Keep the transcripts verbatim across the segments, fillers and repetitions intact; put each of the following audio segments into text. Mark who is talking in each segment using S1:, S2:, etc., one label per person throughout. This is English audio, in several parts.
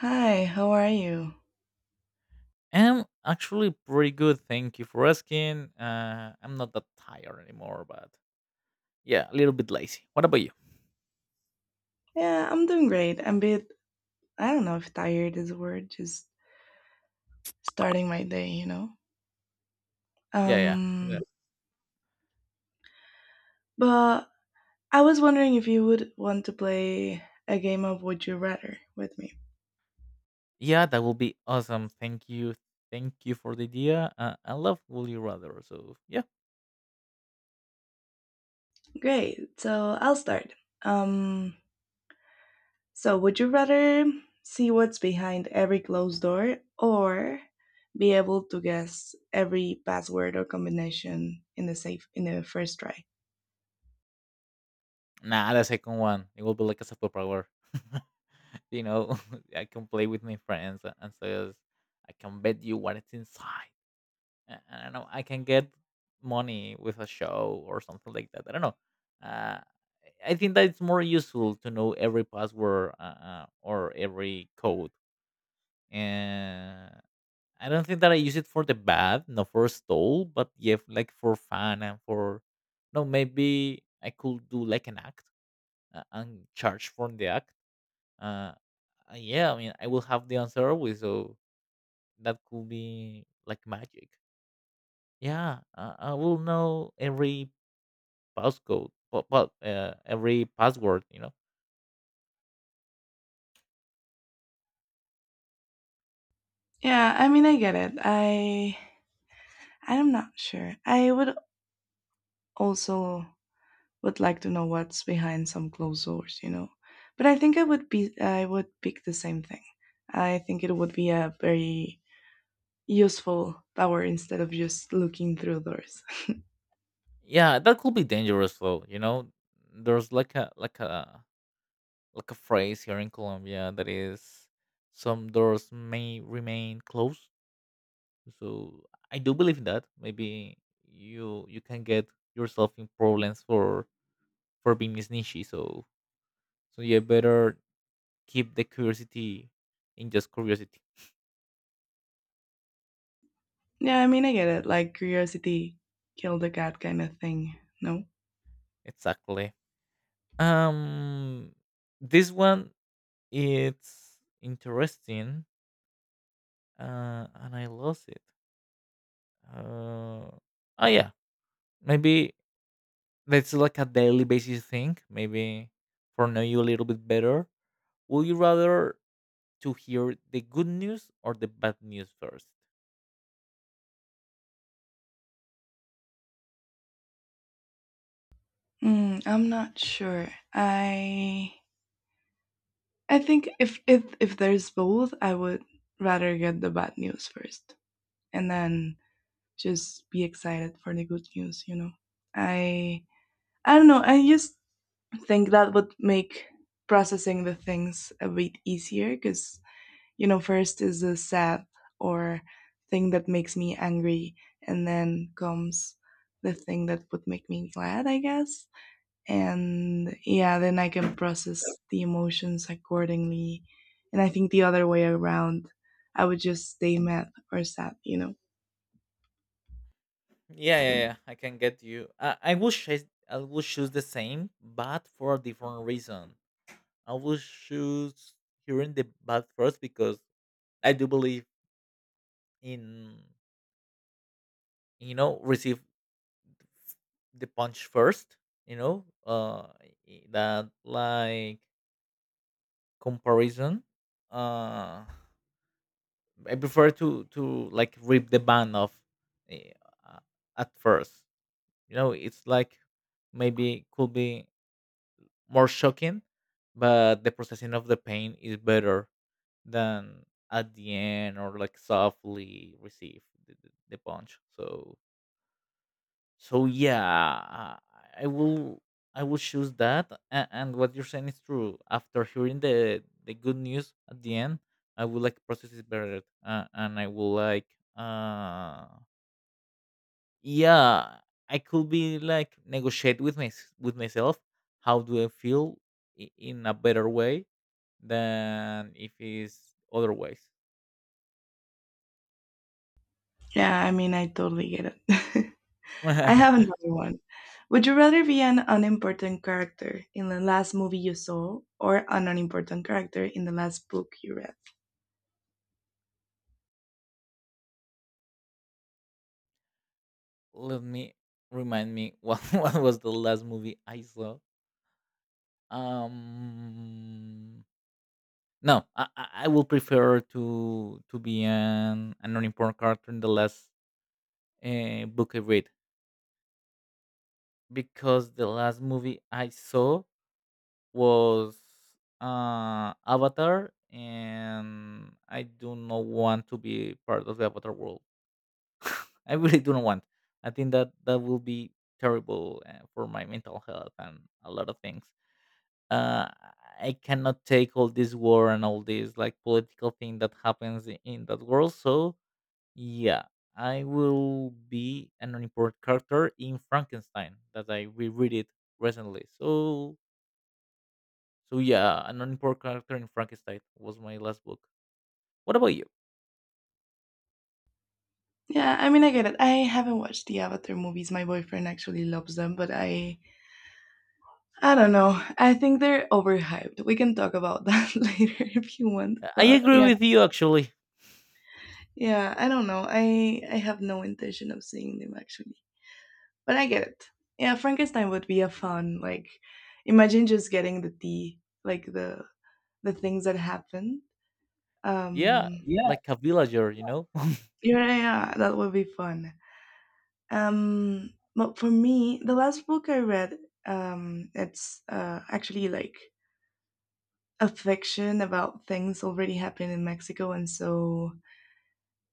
S1: Hi, how are you?
S2: I'm actually pretty good. Thank you for asking. Uh, I'm not that tired anymore, but yeah, a little bit lazy. What about you?
S1: Yeah, I'm doing great. I'm a bit, I don't know if tired is a word, just starting my day, you know?
S2: Yeah, yeah, yeah.
S1: Um, but I was wondering if you would want to play a game of Would You Rather with me.
S2: Yeah, that will be awesome. Thank you, thank you for the idea. Uh, I love Would You Rather. So yeah,
S1: Great, so I'll start. Um, so would you rather see what's behind every closed door or be able to guess every password or combination in the safe in the first try?
S2: nah, the second one. It will be like a superpower. you know, I can play with my friends uh, and says, I can bet you what it's inside. I, I don't know. I can get money with a show or something like that. I don't know. Uh, I think that it's more useful to know every password uh, uh, or every code. And I don't think that I use it for the bad, not for stole, but yeah, like for fun and for no. Maybe I could do like an act uh, and charge for the act. Uh, uh, yeah, I mean, I will have the answer always, so that could be like magic, yeah, uh, I will know every passcode, but, but uh, every password, you know.
S1: Yeah, I mean, I get it. I I'm not sure. I would also would like to know what's behind some closed doors, you know. But I think I would be I would pick the same thing. I think it would be a very useful power instead of just looking through doors.
S2: Yeah, that could be dangerous though. You know, there's like a like a like a phrase here in Colombia that is some doors may remain closed. So I do believe that maybe you you can get yourself in problems for for being sneaky. So so you better keep the curiosity in just curiosity.
S1: Yeah, I mean I get it. Like curiosity killed the cat kind of thing. No.
S2: Exactly. Um, this one it's interesting, uh, and I lost it. uh, oh yeah, maybe that's like a daily basis thing, maybe for know you a little bit better. Would you rather to hear the good news or the bad news first?
S1: Mm, I'm not sure. I I think if if if there's both, I would rather get the bad news first and then just be excited for the good news, you know. I I don't know, I just think that would make processing the things a bit easier cuz you know, first is the sad or thing that makes me angry, and then comes the thing that would make me glad, I guess. And yeah, then I can process the emotions accordingly. And I think the other way around, I would just stay mad or sad you know
S2: Yeah, yeah, yeah, I can get you. I, I will choose i will choose the same but for a different reason. I will choose hearing the bad first because I do believe in, you know receive the punch first. you know uh i- that like comparison. uh I prefer to to like rip the band off. eh, uh, at first, you know, it's like maybe could be more shocking, but the processing of the pain is better than at the end, or like softly receive the, the, the punch. So so yeah, i I will i will choose that. And, and what you're saying is true. After hearing the the good news at the end, I will like process it better, uh, and I will like, uh yeah, I could be like negotiate with my with myself. How do I feel i- in a better way than if it's other ways?
S1: Yeah, I mean, I totally get it. I have another one. Would you rather be an unimportant character in the last movie you saw or an unimportant character in the last book you read?
S2: let me Remind me what, what was the last movie I saw. Um, no, I, I I will prefer to to be an an unimportant character in the last uh, book I read, because the last movie I saw was, uh, Avatar, and I do not want to be part of the Avatar world. I really do not want. I think that that will be terrible, uh, for my mental health and a lot of things. uh, I cannot take all this war and all this like political thing that happens i- in that world. So yeah, I will be an unimportant character in Frankenstein that I reread it recently. So so yeah, an unimportant character in Frankenstein was my last book. What about you?
S1: Yeah, I mean, I get it. I haven't watched the Avatar movies. My boyfriend actually loves them, but I I don't know. I think they're overhyped. We can talk about that later if you want,
S2: Uh, I
S1: but
S2: agree
S1: yeah.
S2: with you actually.
S1: Yeah, I don't know. I I have no intention of seeing them actually, but I get it. Yeah, Frankenstein would be a fun like. Imagine just getting the tea, like the the things that happened.
S2: Yeah,
S1: Um, Yeah.
S2: like a villager, you know.
S1: Yeah, yeah, that would be fun. Um, but for me, the last book I read, um, it's uh, actually like a fiction about things already happening in Mexico, and so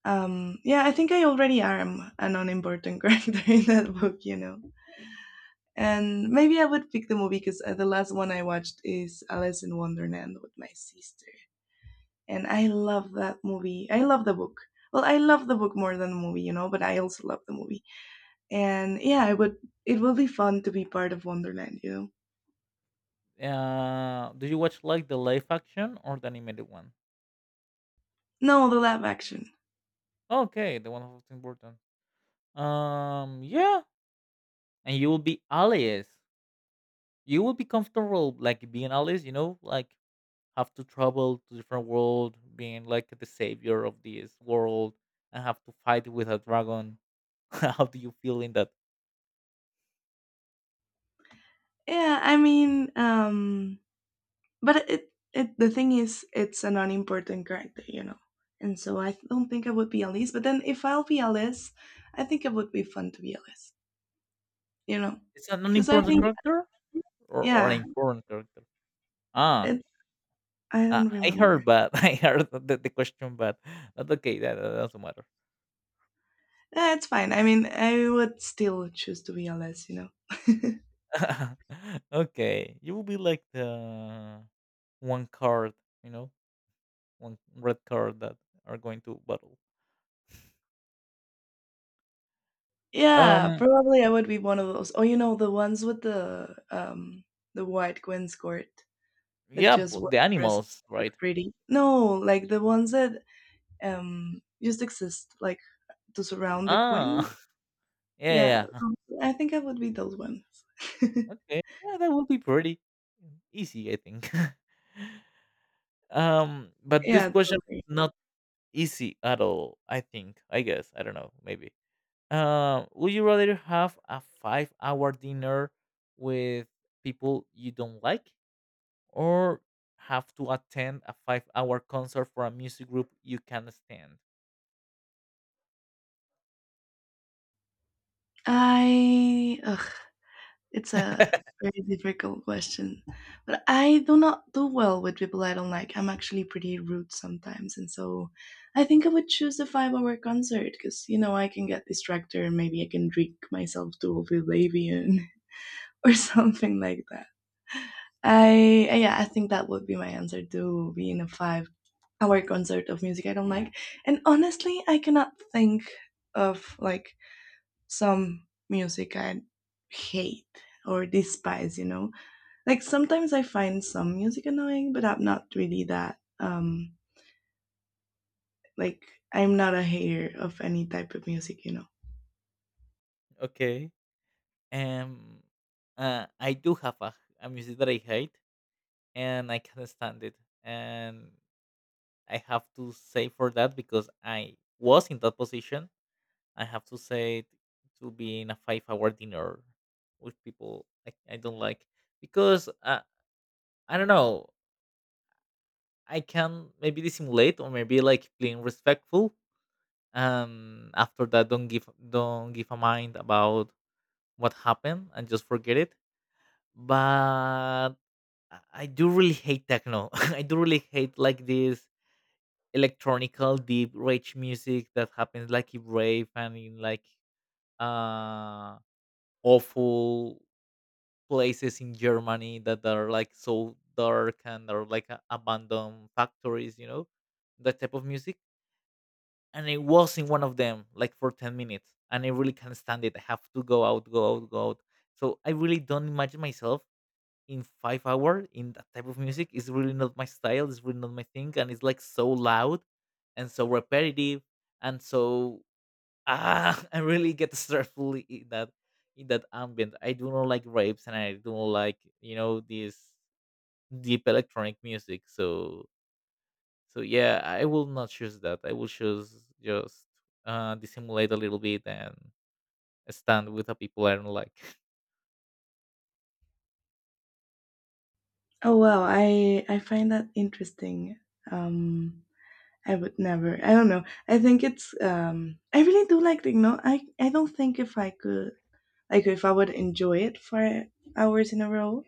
S1: um, yeah, I think I already am an unimportant character in that book, you know. And maybe I would pick the movie because the last one I watched is Alice in Wonderland with my sister. And I love that movie. I love the book. Well, I love the book more than the movie, you know, but I also love the movie. And yeah, I would it will be fun to be part of Wonderland, you know.
S2: uh, Do you watch like the live action or the animated one?
S1: No, the live action.
S2: Okay, the one that's important. Um, yeah, and you will be alias. You will be comfortable like being alias, you know, like have to travel to different world, being like the savior of this world, and have to fight with a dragon. How do you feel in that?
S1: Yeah, I mean, um but it, it the thing is it's an unimportant character, you know. And so I don't think I would be Alice, but then if I'll be Alice, I think it would be fun to be Alice, you know
S2: It's an
S1: because I
S2: unimportant
S1: think
S2: character, or, or an
S1: yeah,
S2: important character? Ah,
S1: it I
S2: uh,
S1: don't
S2: I
S1: remember.
S2: heard, but I heard the, the question, but that's okay. That, that doesn't matter.
S1: Eh, it's fine. I mean, I would still choose to be a less, you know.
S2: Okay, you will be like the one card, you know, one red card that are going to battle.
S1: Yeah,
S2: Um,
S1: probably I would be one of those. Oh, you know, the ones with the um the white Gwen skirt that
S2: yeah,
S1: just
S2: b
S1: wear
S2: the
S1: dresses
S2: animals,
S1: and look
S2: right?
S1: pretty. No, like the ones that um just exist like to surround the
S2: Ah,
S1: queen. Yeah,
S2: yeah, yeah,
S1: um, I think I would be those ones.
S2: okay. Yeah, that would be pretty easy, I think. Um, but this
S1: Yeah,
S2: question
S1: totally.
S2: is not easy at all, I think. I guess. I don't know, maybe. Uh, would you rather have a five-hour dinner with people you don't like, or have to attend a five-hour concert for a music group you can't stand?
S1: I ugh, It's a very difficult question, but I do not do well with people I don't like. I'm actually pretty rude sometimes, and so I think I would choose a five-hour concert because you know I can get distracted. And maybe I can drink myself to oblivion or something like that. I yeah, I think that would be my answer to being a five-hour concert of music I don't like. And honestly, I cannot think of like some music I hate or despise, you know. Like sometimes I find some music annoying, but I'm not really that um like I'm not a hater of any type of music, you know.
S2: Okay. Um, uh, I do have a, a music that I hate, and I can't stand it. And I have to say for that because I was in that position. I have to say to be in a five-hour dinner with people I, I don't like, because, uh, I don't know. I can maybe dissimulate or maybe like being respectful. Um, after that, don't give don't give a mind about what happened and just forget it. But I I do really hate techno. I do really hate like this electronical deep rage music that happens like in rave and in like, uh awful places in Germany that are like so dark and are like a- abandoned factories, you know, that type of music. And I was in one of them like for ten minutes, and I really can't stand it. I have to go out, go out, go out. So I really don't imagine myself in five hours in that type of music, is really not my style. It's really not my thing, and it's like so loud and so repetitive and so, ah, I really get stressful in that in that ambient. I do not like rapes and I do not like, you know this deep electronic music. So so yeah, I will not choose that. I will choose just, uh dissimulate a little bit and stand with the people I don't like.
S1: Oh wow, I I find that interesting. Um I would never. I don't know. I think it's um I really do like, you know I I don't think if I could, like, if I would enjoy it for hours in a row,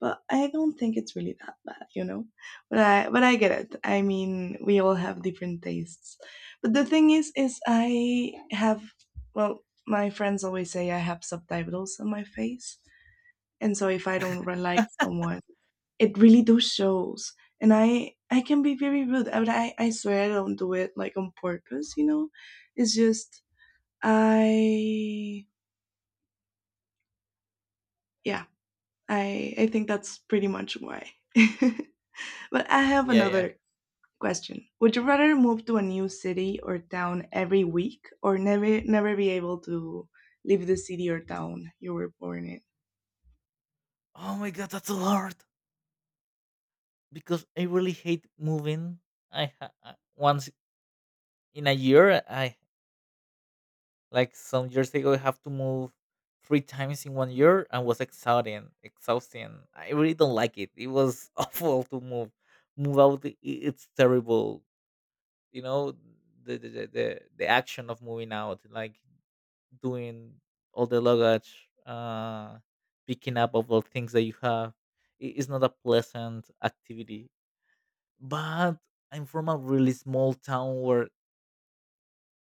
S1: but I don't think it's really that bad, you know. But I but I get it. I mean, we all have different tastes. But the thing is is I have well, my friends always say I have subtitles on my face. And so if I don't re- like someone, it really does shows. And i i can be very rude, but i i swear I don't do it like on purpose you know It's just, I yeah, i i think that's pretty much why. But I have
S2: Yeah, yeah.
S1: another question. Would you rather move to a new city or town every week, or never never be able to leave the city or town you were born in?
S2: Oh my god, that's a lot. Because I really hate moving. I ha- uh, once in a year, I, like some years ago, I have to move three times in one year and was exhausting. Exhausting. I really don't like it. It was awful to move. Move out. i- It's terrible. You know the the the, the the action of moving out, like doing all the luggage, uh, picking up of all things that you have. It's not a pleasant activity, but I'm from a really small town where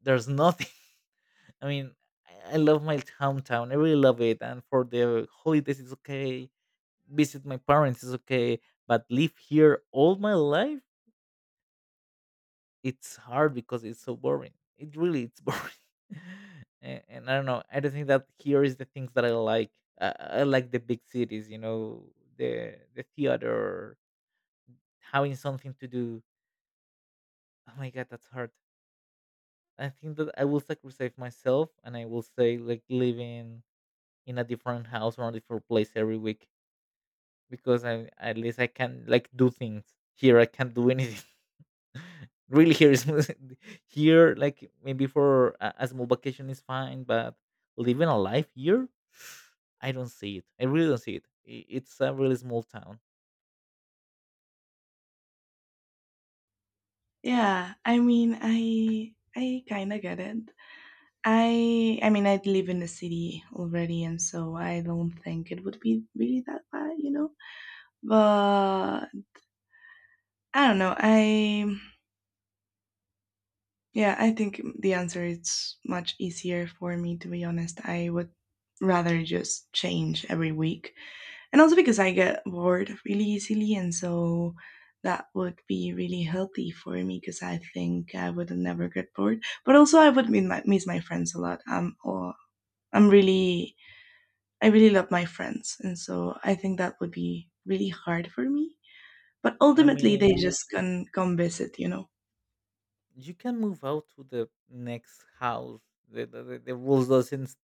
S2: there's nothing. I mean, I I love my hometown. I really love it. And for the holidays, it's okay. Visit my parents is okay. But live here all my life, it's hard because it's so boring. It really it's boring. A- and I don't know. I don't think that here is the things that I like. Uh, I like the big cities. You know, the the theater, having something to do. Oh my god, that's hard. I think that I will sacrifice myself and I will say like living in a different house or a different place every week, because I, at least, I can like do things here. I can't do anything. Really, here is, here like maybe for a, a small vacation is fine, but living a life here, I don't see it. I really don't see it. I- It's a really small town.
S1: Yeah, I mean, i i kind of get it. I I mean I live in the city already, and so I don't think it would be really that bad, you know? But I don't know. I yeah, I think the answer is much easier for me, to be honest. I would rather just change every week. And also because I get bored really easily, and so that would be really healthy for me because I think I would never get bored. But also I would meet my, miss my friends a lot. Um, or I'm really I really love my friends, and so I think that would be really hard for me. But
S2: I
S1: ultimately, they
S2: mean,
S1: just can come visit, you know.
S2: you can move out to the next house. The, the, the the rules doesn't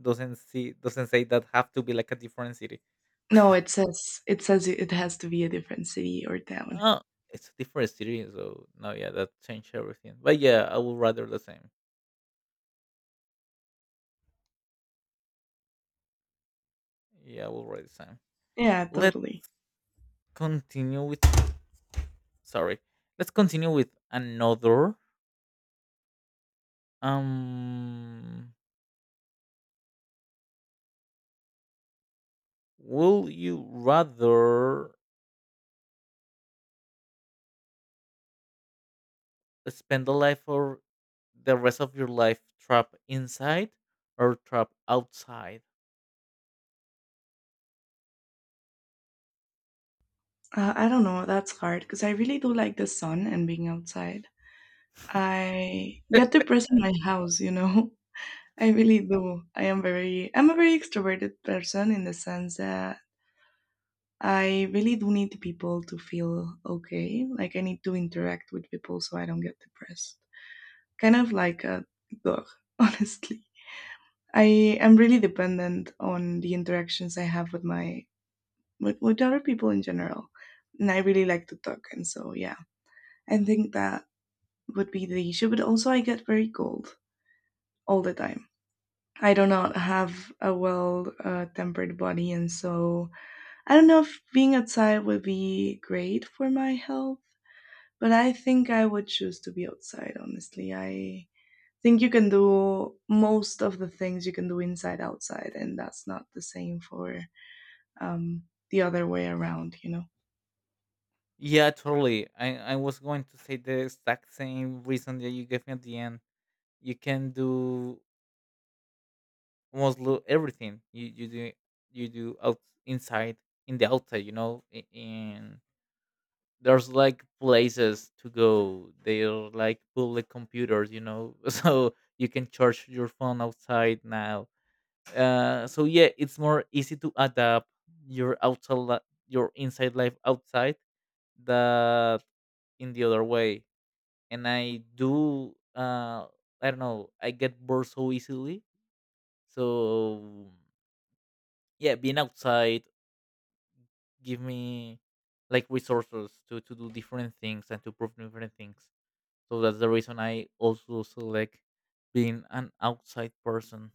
S2: doesn't see doesn't say that have to be like a different city.
S1: No, it says it says it has to be a different city or town.
S2: Oh, it's a different city, so no, yeah, that changed everything. But yeah, I would rather the same. Yeah, I would rather the same.
S1: Yeah,
S2: Let's
S1: totally.
S2: continue with, sorry. Let's continue with another. Um, will you rather spend the life or the rest of your life trapped inside or trapped outside?
S1: Uh, I don't know. That's hard because I really do like the sun and being outside. I get depressed in my house, you know. I really do. I am very. I'm a very extroverted person in the sense that I really do need people to feel okay. Like I need to interact with people so I don't get depressed. Kind of like a dog, honestly. I am really dependent on the interactions I have with my with, with other people in general. And I really like to talk and so yeah. I think that would be the issue. But also I get very cold all the time. I do not have a well uh, tempered body, and so I don't know if being outside would be great for my health. But I think I would choose to be outside, honestly. I think you can do most of the things you can do inside outside, and that's not the same for um, the other way around, you know?
S2: Yeah, totally. I, I was going to say the exact same reason that you gave me at the end. You can do almost, lo- everything. You you do you do out inside in the outside. You know, i- in there's like places to go. They're like public computers. You know, so you can charge your phone outside now. Uh, so yeah, it's more easy to adapt your outside li- your inside life outside, that in the other way. And I do uh I don't know, I get bored so easily. So yeah, being outside give me like resources to, to do different things and to prove different things. So that's the reason I also select being an outside person.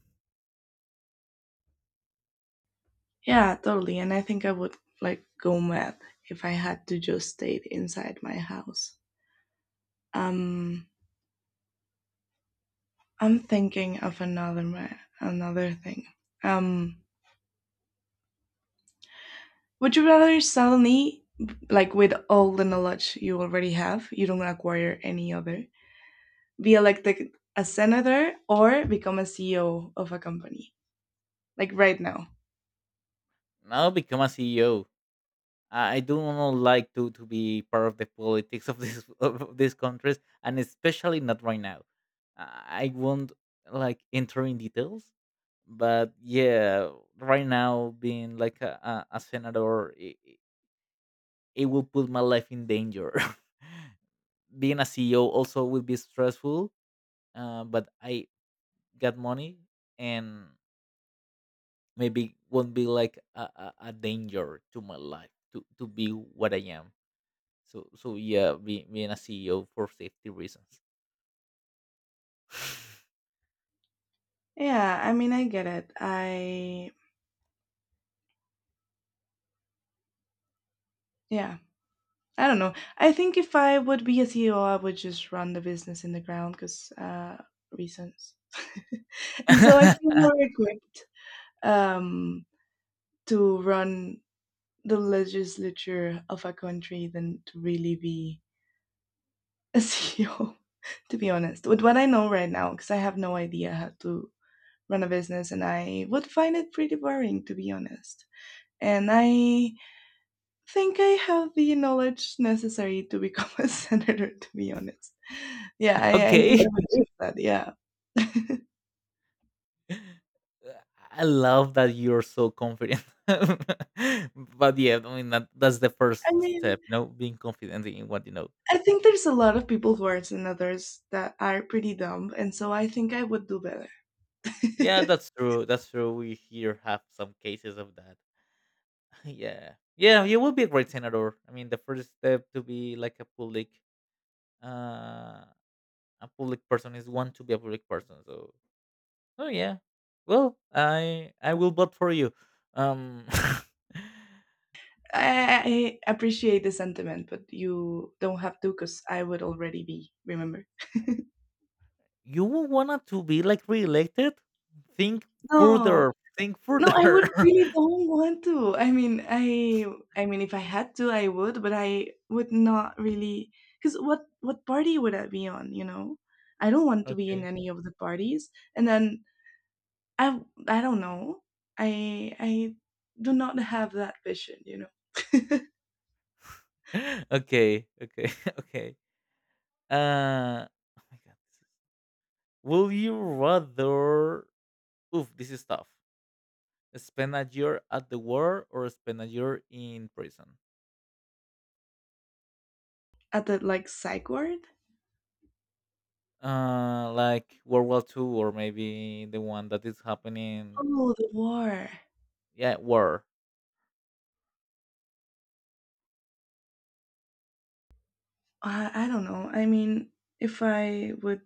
S1: Yeah, totally. And I think I would like go mad if I had to just stay inside my house. Um, I'm thinking of another ma- another thing. Um, would you rather suddenly, like with all the knowledge you already have, you don't acquire any other, be elected a senator or become a C E O of a company, like right now.
S2: Now become a C E O. I don't like to to be part of the politics of this of these countries, and especially not right now. I won't like enter in details, but yeah, right now being like a, a, a senator, it, it will put my life in danger. Being a C E O also will be stressful, uh, but I got money, and maybe won't be like a, a, a danger to my life to to be what I am. So so yeah, be, being a C E O for safety reasons.
S1: Yeah, I mean, I get it. I, yeah, I don't know. I think if I would be a C E O, I would just run the business in the ground because uh, reasons. And so I feel more equipped um, to run the legislature of a country than to really be a C E O, to be honest, with what I know right now, because I have no idea how to run a business, and I would find it pretty boring, to be honest. And I think I have the knowledge necessary to become a senator, to be honest. Yeah, I, I think
S2: Okay.
S1: I would do that. Yeah. I
S2: I love that you're so confident. But yeah, I mean that, that's the first
S1: mean,
S2: step, you know, being confident in what you know.
S1: I think there's a lot of people worse than others that are pretty dumb, and so I think I would do better.
S2: Yeah, that's true. That's true. We here have some cases of that. Yeah. Yeah, you will be a great senator. I mean the first step to be like a public uh a public person is one to be a public person. So Oh yeah. Well, I I will vote for you. Um,
S1: I, I appreciate the sentiment, but you don't have to because I would already be, remember?
S2: you wanted to be like reelected? Think
S1: No,
S2: further. Think
S1: no, I would
S2: further.
S1: really don't want to. I mean, I I mean if I had to, I would, but I would not really cuz what what party would I be on, you know? I don't want to be in
S2: Okay.
S1: any of the parties. And then I I don't know. I I do not have that vision, you know.
S2: Okay. Okay. Okay. Uh. Oh my god. Will you rather? Oof, this is tough. Spend a year at the war or spend a year in prison?
S1: At the like psych ward?
S2: Uh, like World War Two or maybe the one that is happening.
S1: Oh, the war.
S2: Yeah, war.
S1: I, I don't know. I mean, if I would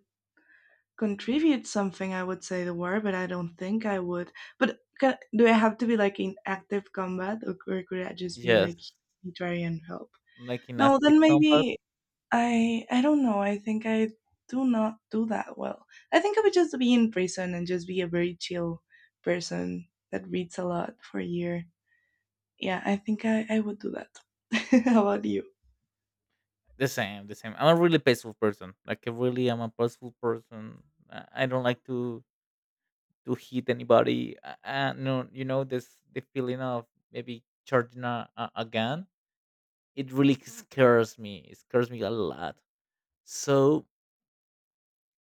S1: contribute something, I would say the word, but I don't think I would. But ca do I have to be like in active combat, or, or could I just be
S2: Yes.
S1: like humanitarian help?
S2: Like in
S1: No,
S2: after
S1: then
S2: combat
S1: maybe I I don't know. I think I do not do that well. I think I would just be in prison and just be a very chill person that reads a lot for a year. Yeah, I, think I, I would do that. How about you?
S2: the same, the same. I'm a really peaceful person. Like I really am a peaceful person. I I don't like to to hit anybody. Uh, uh, no, you know this the feeling of maybe charging a, a, a gun. It really scares me. It scares me a lot. So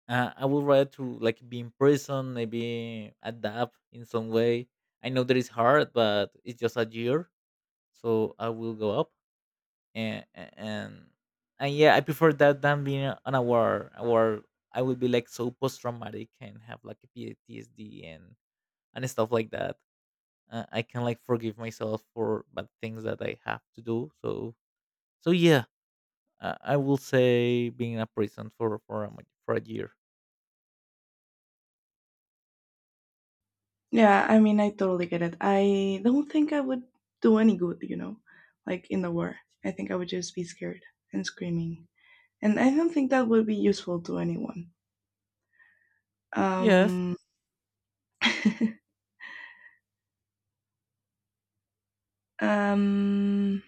S2: uh, I would rather to like be in prison, maybe adapt in some way. I know that it's hard, but it's just a year, so I will go up. and and and yeah, I prefer that than being on a war. A war, I would be like so post traumatic and have like a P T S D and and stuff like that. Uh, I can like forgive myself for bad things that I have to do. So so yeah, uh, I will say being in a prison for for a, mo- for a year.
S1: Yeah, I mean, I totally get it. I don't think I would do any good, you know, like in the war. I think I would just be scared and screaming. And I don't think that would be useful to anyone.
S2: Yes.
S1: Um, um,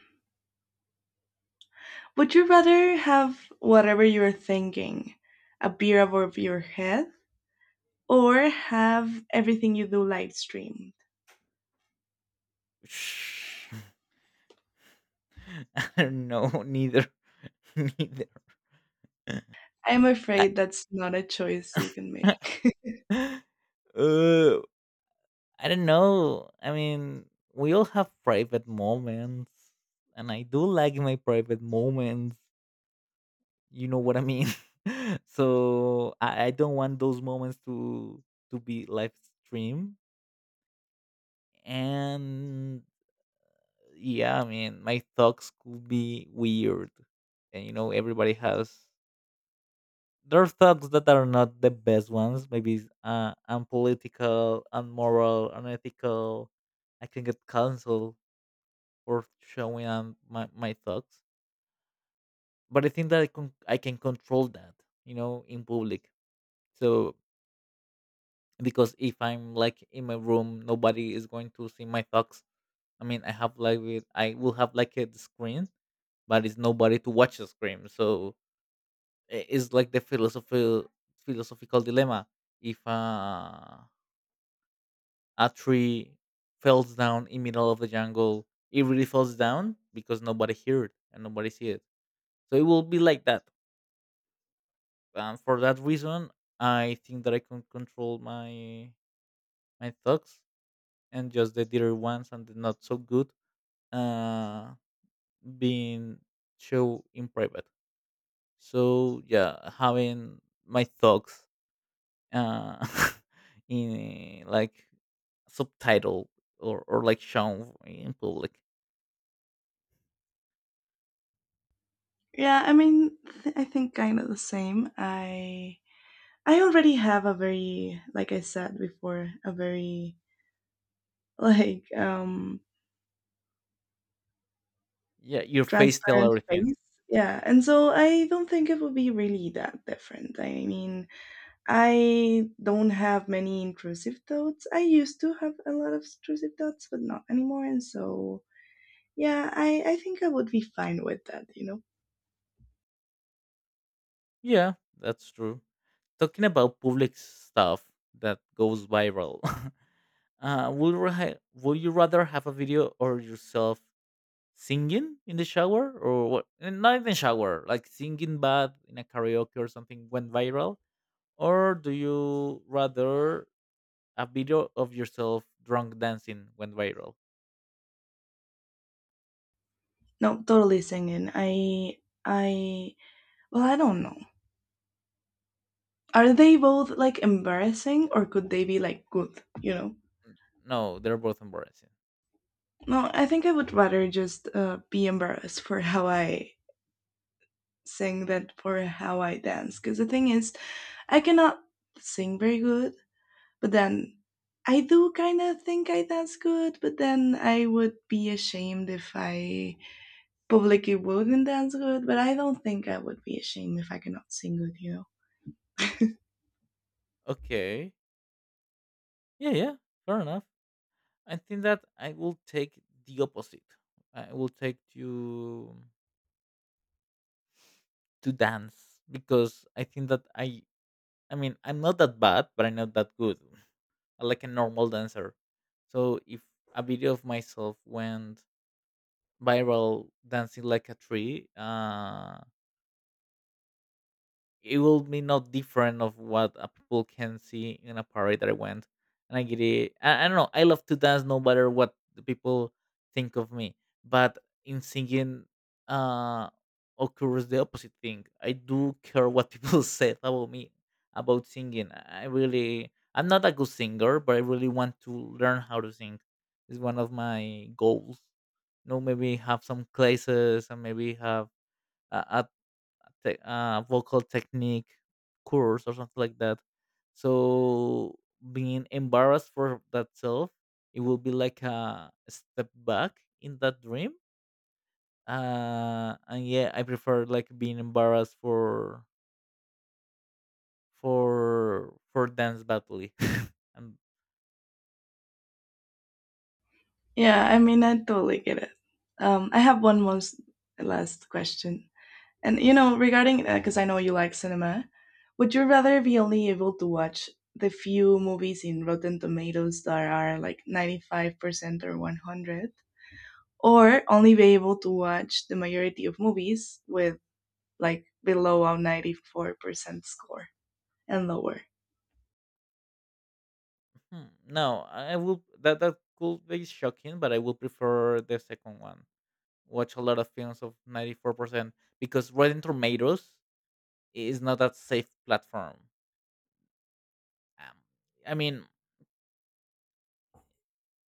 S1: would you rather have whatever you're thinking appear above your head or have everything you do live streamed?
S2: Shh. I don't know neither neither.
S1: I'm afraid that's not a choice you can make.
S2: uh, I don't know. I mean, we all have private moments, and I do like my private moments. You know what I mean? So I, I don't want those moments to to be live stream. And yeah, I mean, my thoughts could be weird, and you know, everybody has their thoughts that are not the best ones. Maybe uh, unpolitical, unmoral, unethical. I can get canceled or showing um, my my thoughts. But I think that I can I can control that, you know, in public. So because if I'm like in my room, nobody is going to see my thoughts. I mean, I have like with- I will have like a screen, but it's nobody to watch the screen. So i- it's like the philosophical philosophical dilemma. If uh, a tree falls down in middle of the jungle, it really falls down because nobody heard and nobody see it. So it will be like that, and for that reason I think that I can control my my thoughts, and just the dearer ones and the not so good uh being show in private. So yeah, having my thoughts uh in uh, like subtitle or, or like shown in public.
S1: Yeah, I mean, th- I think kind of the same. I I already have a very, like I said before, a very like um
S2: Yeah, your face tell
S1: transparent
S2: everything.
S1: face. Yeah, and so I don't think it would be really that different. I mean, I don't have many intrusive thoughts. I used to have a lot of intrusive thoughts, but not anymore. And so, yeah, I I think I would be fine with that, you know.
S2: Yeah, that's true. Talking about public stuff that goes viral. Uh, would you ra- would you rather have a video or yourself singing in the shower or what? Eh, not in the shower, like singing bad in a karaoke or something went viral, or do you rather a video of yourself drunk dancing went viral?
S1: No, totally singing. I I well, I don't know. Are they both like embarrassing or could they be like good, you know?
S2: N- No, they're both embarrassing.
S1: No, I think I would rather just uh, be embarrassed for how I sing than for how I dance. Because the thing is, I cannot sing very good, but then I do kind of think I dance good, but then I would be ashamed if I publicly wouldn't dance good, but I don't think I would be ashamed if I cannot sing good, you know?
S2: Okay, yeah, yeah, fair enough. I think that I will take the opposite. I will take to to dance because I think that I I mean, I'm not that bad, but I'm not that good. I'm like a normal dancer. So if a video of myself went viral dancing like a tree, uh, it will be not different of what uh, people can see in a party that I went. And I get it. I, I don't know. I love to dance no matter what the people think of me. But in singing, uh, occurs the opposite thing. I do care what people say about me about singing. I really, I'm not a good singer, but I really want to learn how to sing. It's one of my goals. You know, maybe have some classes and maybe have a, te- uh, vocal technique course or something like that. So being embarrassed for that self, it will be like a step back in that dream. Uh, and yeah, I prefer like being embarrassed for for for dance battle. And
S1: Yeah, I mean, I totally get it. Um, I have one most last question, and you know, regarding because I know you like cinema, would you rather be only able to watch the few movies in Rotten Tomatoes that are like ninety five percent or one hundred, or only be able to watch the majority of movies with like below a ninety four percent score and lower?
S2: hmm, no, I will that that could be shocking, but I will prefer the second one. Watch a lot of films of ninety four percent because Rotten Tomatoes is not that safe platform. Um, I mean,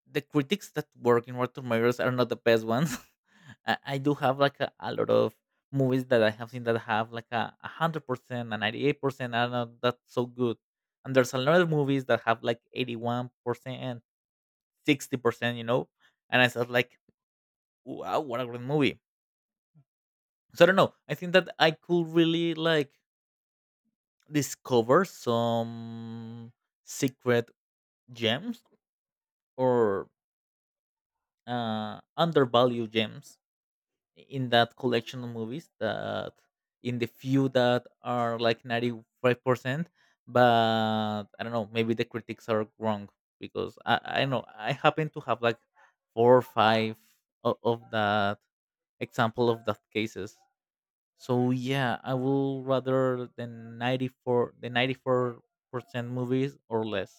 S2: the critics that work in Rotten Tomatoes are not the best ones. I, I do have like a, a lot of movies that I have seen that have like a a hundred percent and ninety eight percent are not that so good. And there's a lot of movies that have like eighty one percent, sixty percent, you know. And I said like, wow, what a great movie. So I don't know. I think that I could really like discover some secret gems or uh, undervalued gems in that collection of movies that in the few that are like ninety five percent, but I don't know, maybe the critics are wrong, because i i know I happen to have like four or five of, of that example of that cases. So yeah, I will rather the ninety four, the ninety four percent movies or less.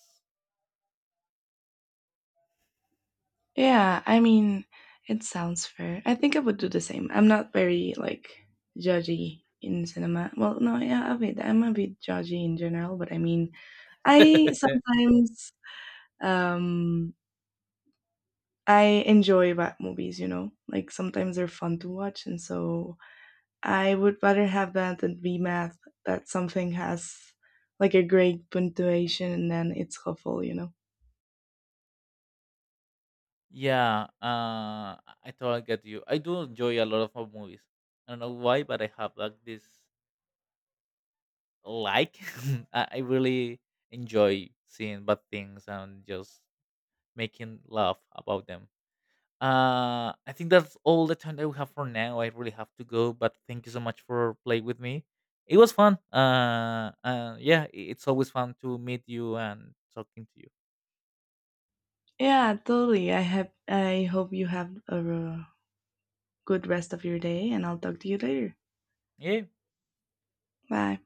S1: Yeah, I mean, it sounds fair. I think I would do the same. I'm not very like judgy in cinema. Well, no, yeah, a bit. I'm a bit judgy in general, but I mean, I sometimes um I enjoy bad movies, you know? Like sometimes they're fun to watch, and so I would rather have that than be mad that something has like a great punctuation and then it's awful, you know?
S2: Yeah, uh, I totally get you. I do enjoy a lot of movies. I don't know why, but I have like this like. I I really enjoy seeing bad things and just making laugh about them. Uh, I think that's all the time that we have for now. I really have to go, but thank you so much for playing with me. It was fun. Uh, uh yeah, i- it's always fun to meet you and talking to you.
S1: Yeah, totally. I have I hope you have a uh, good rest of your day, and I'll talk to you later.
S2: Yeah.
S1: Bye.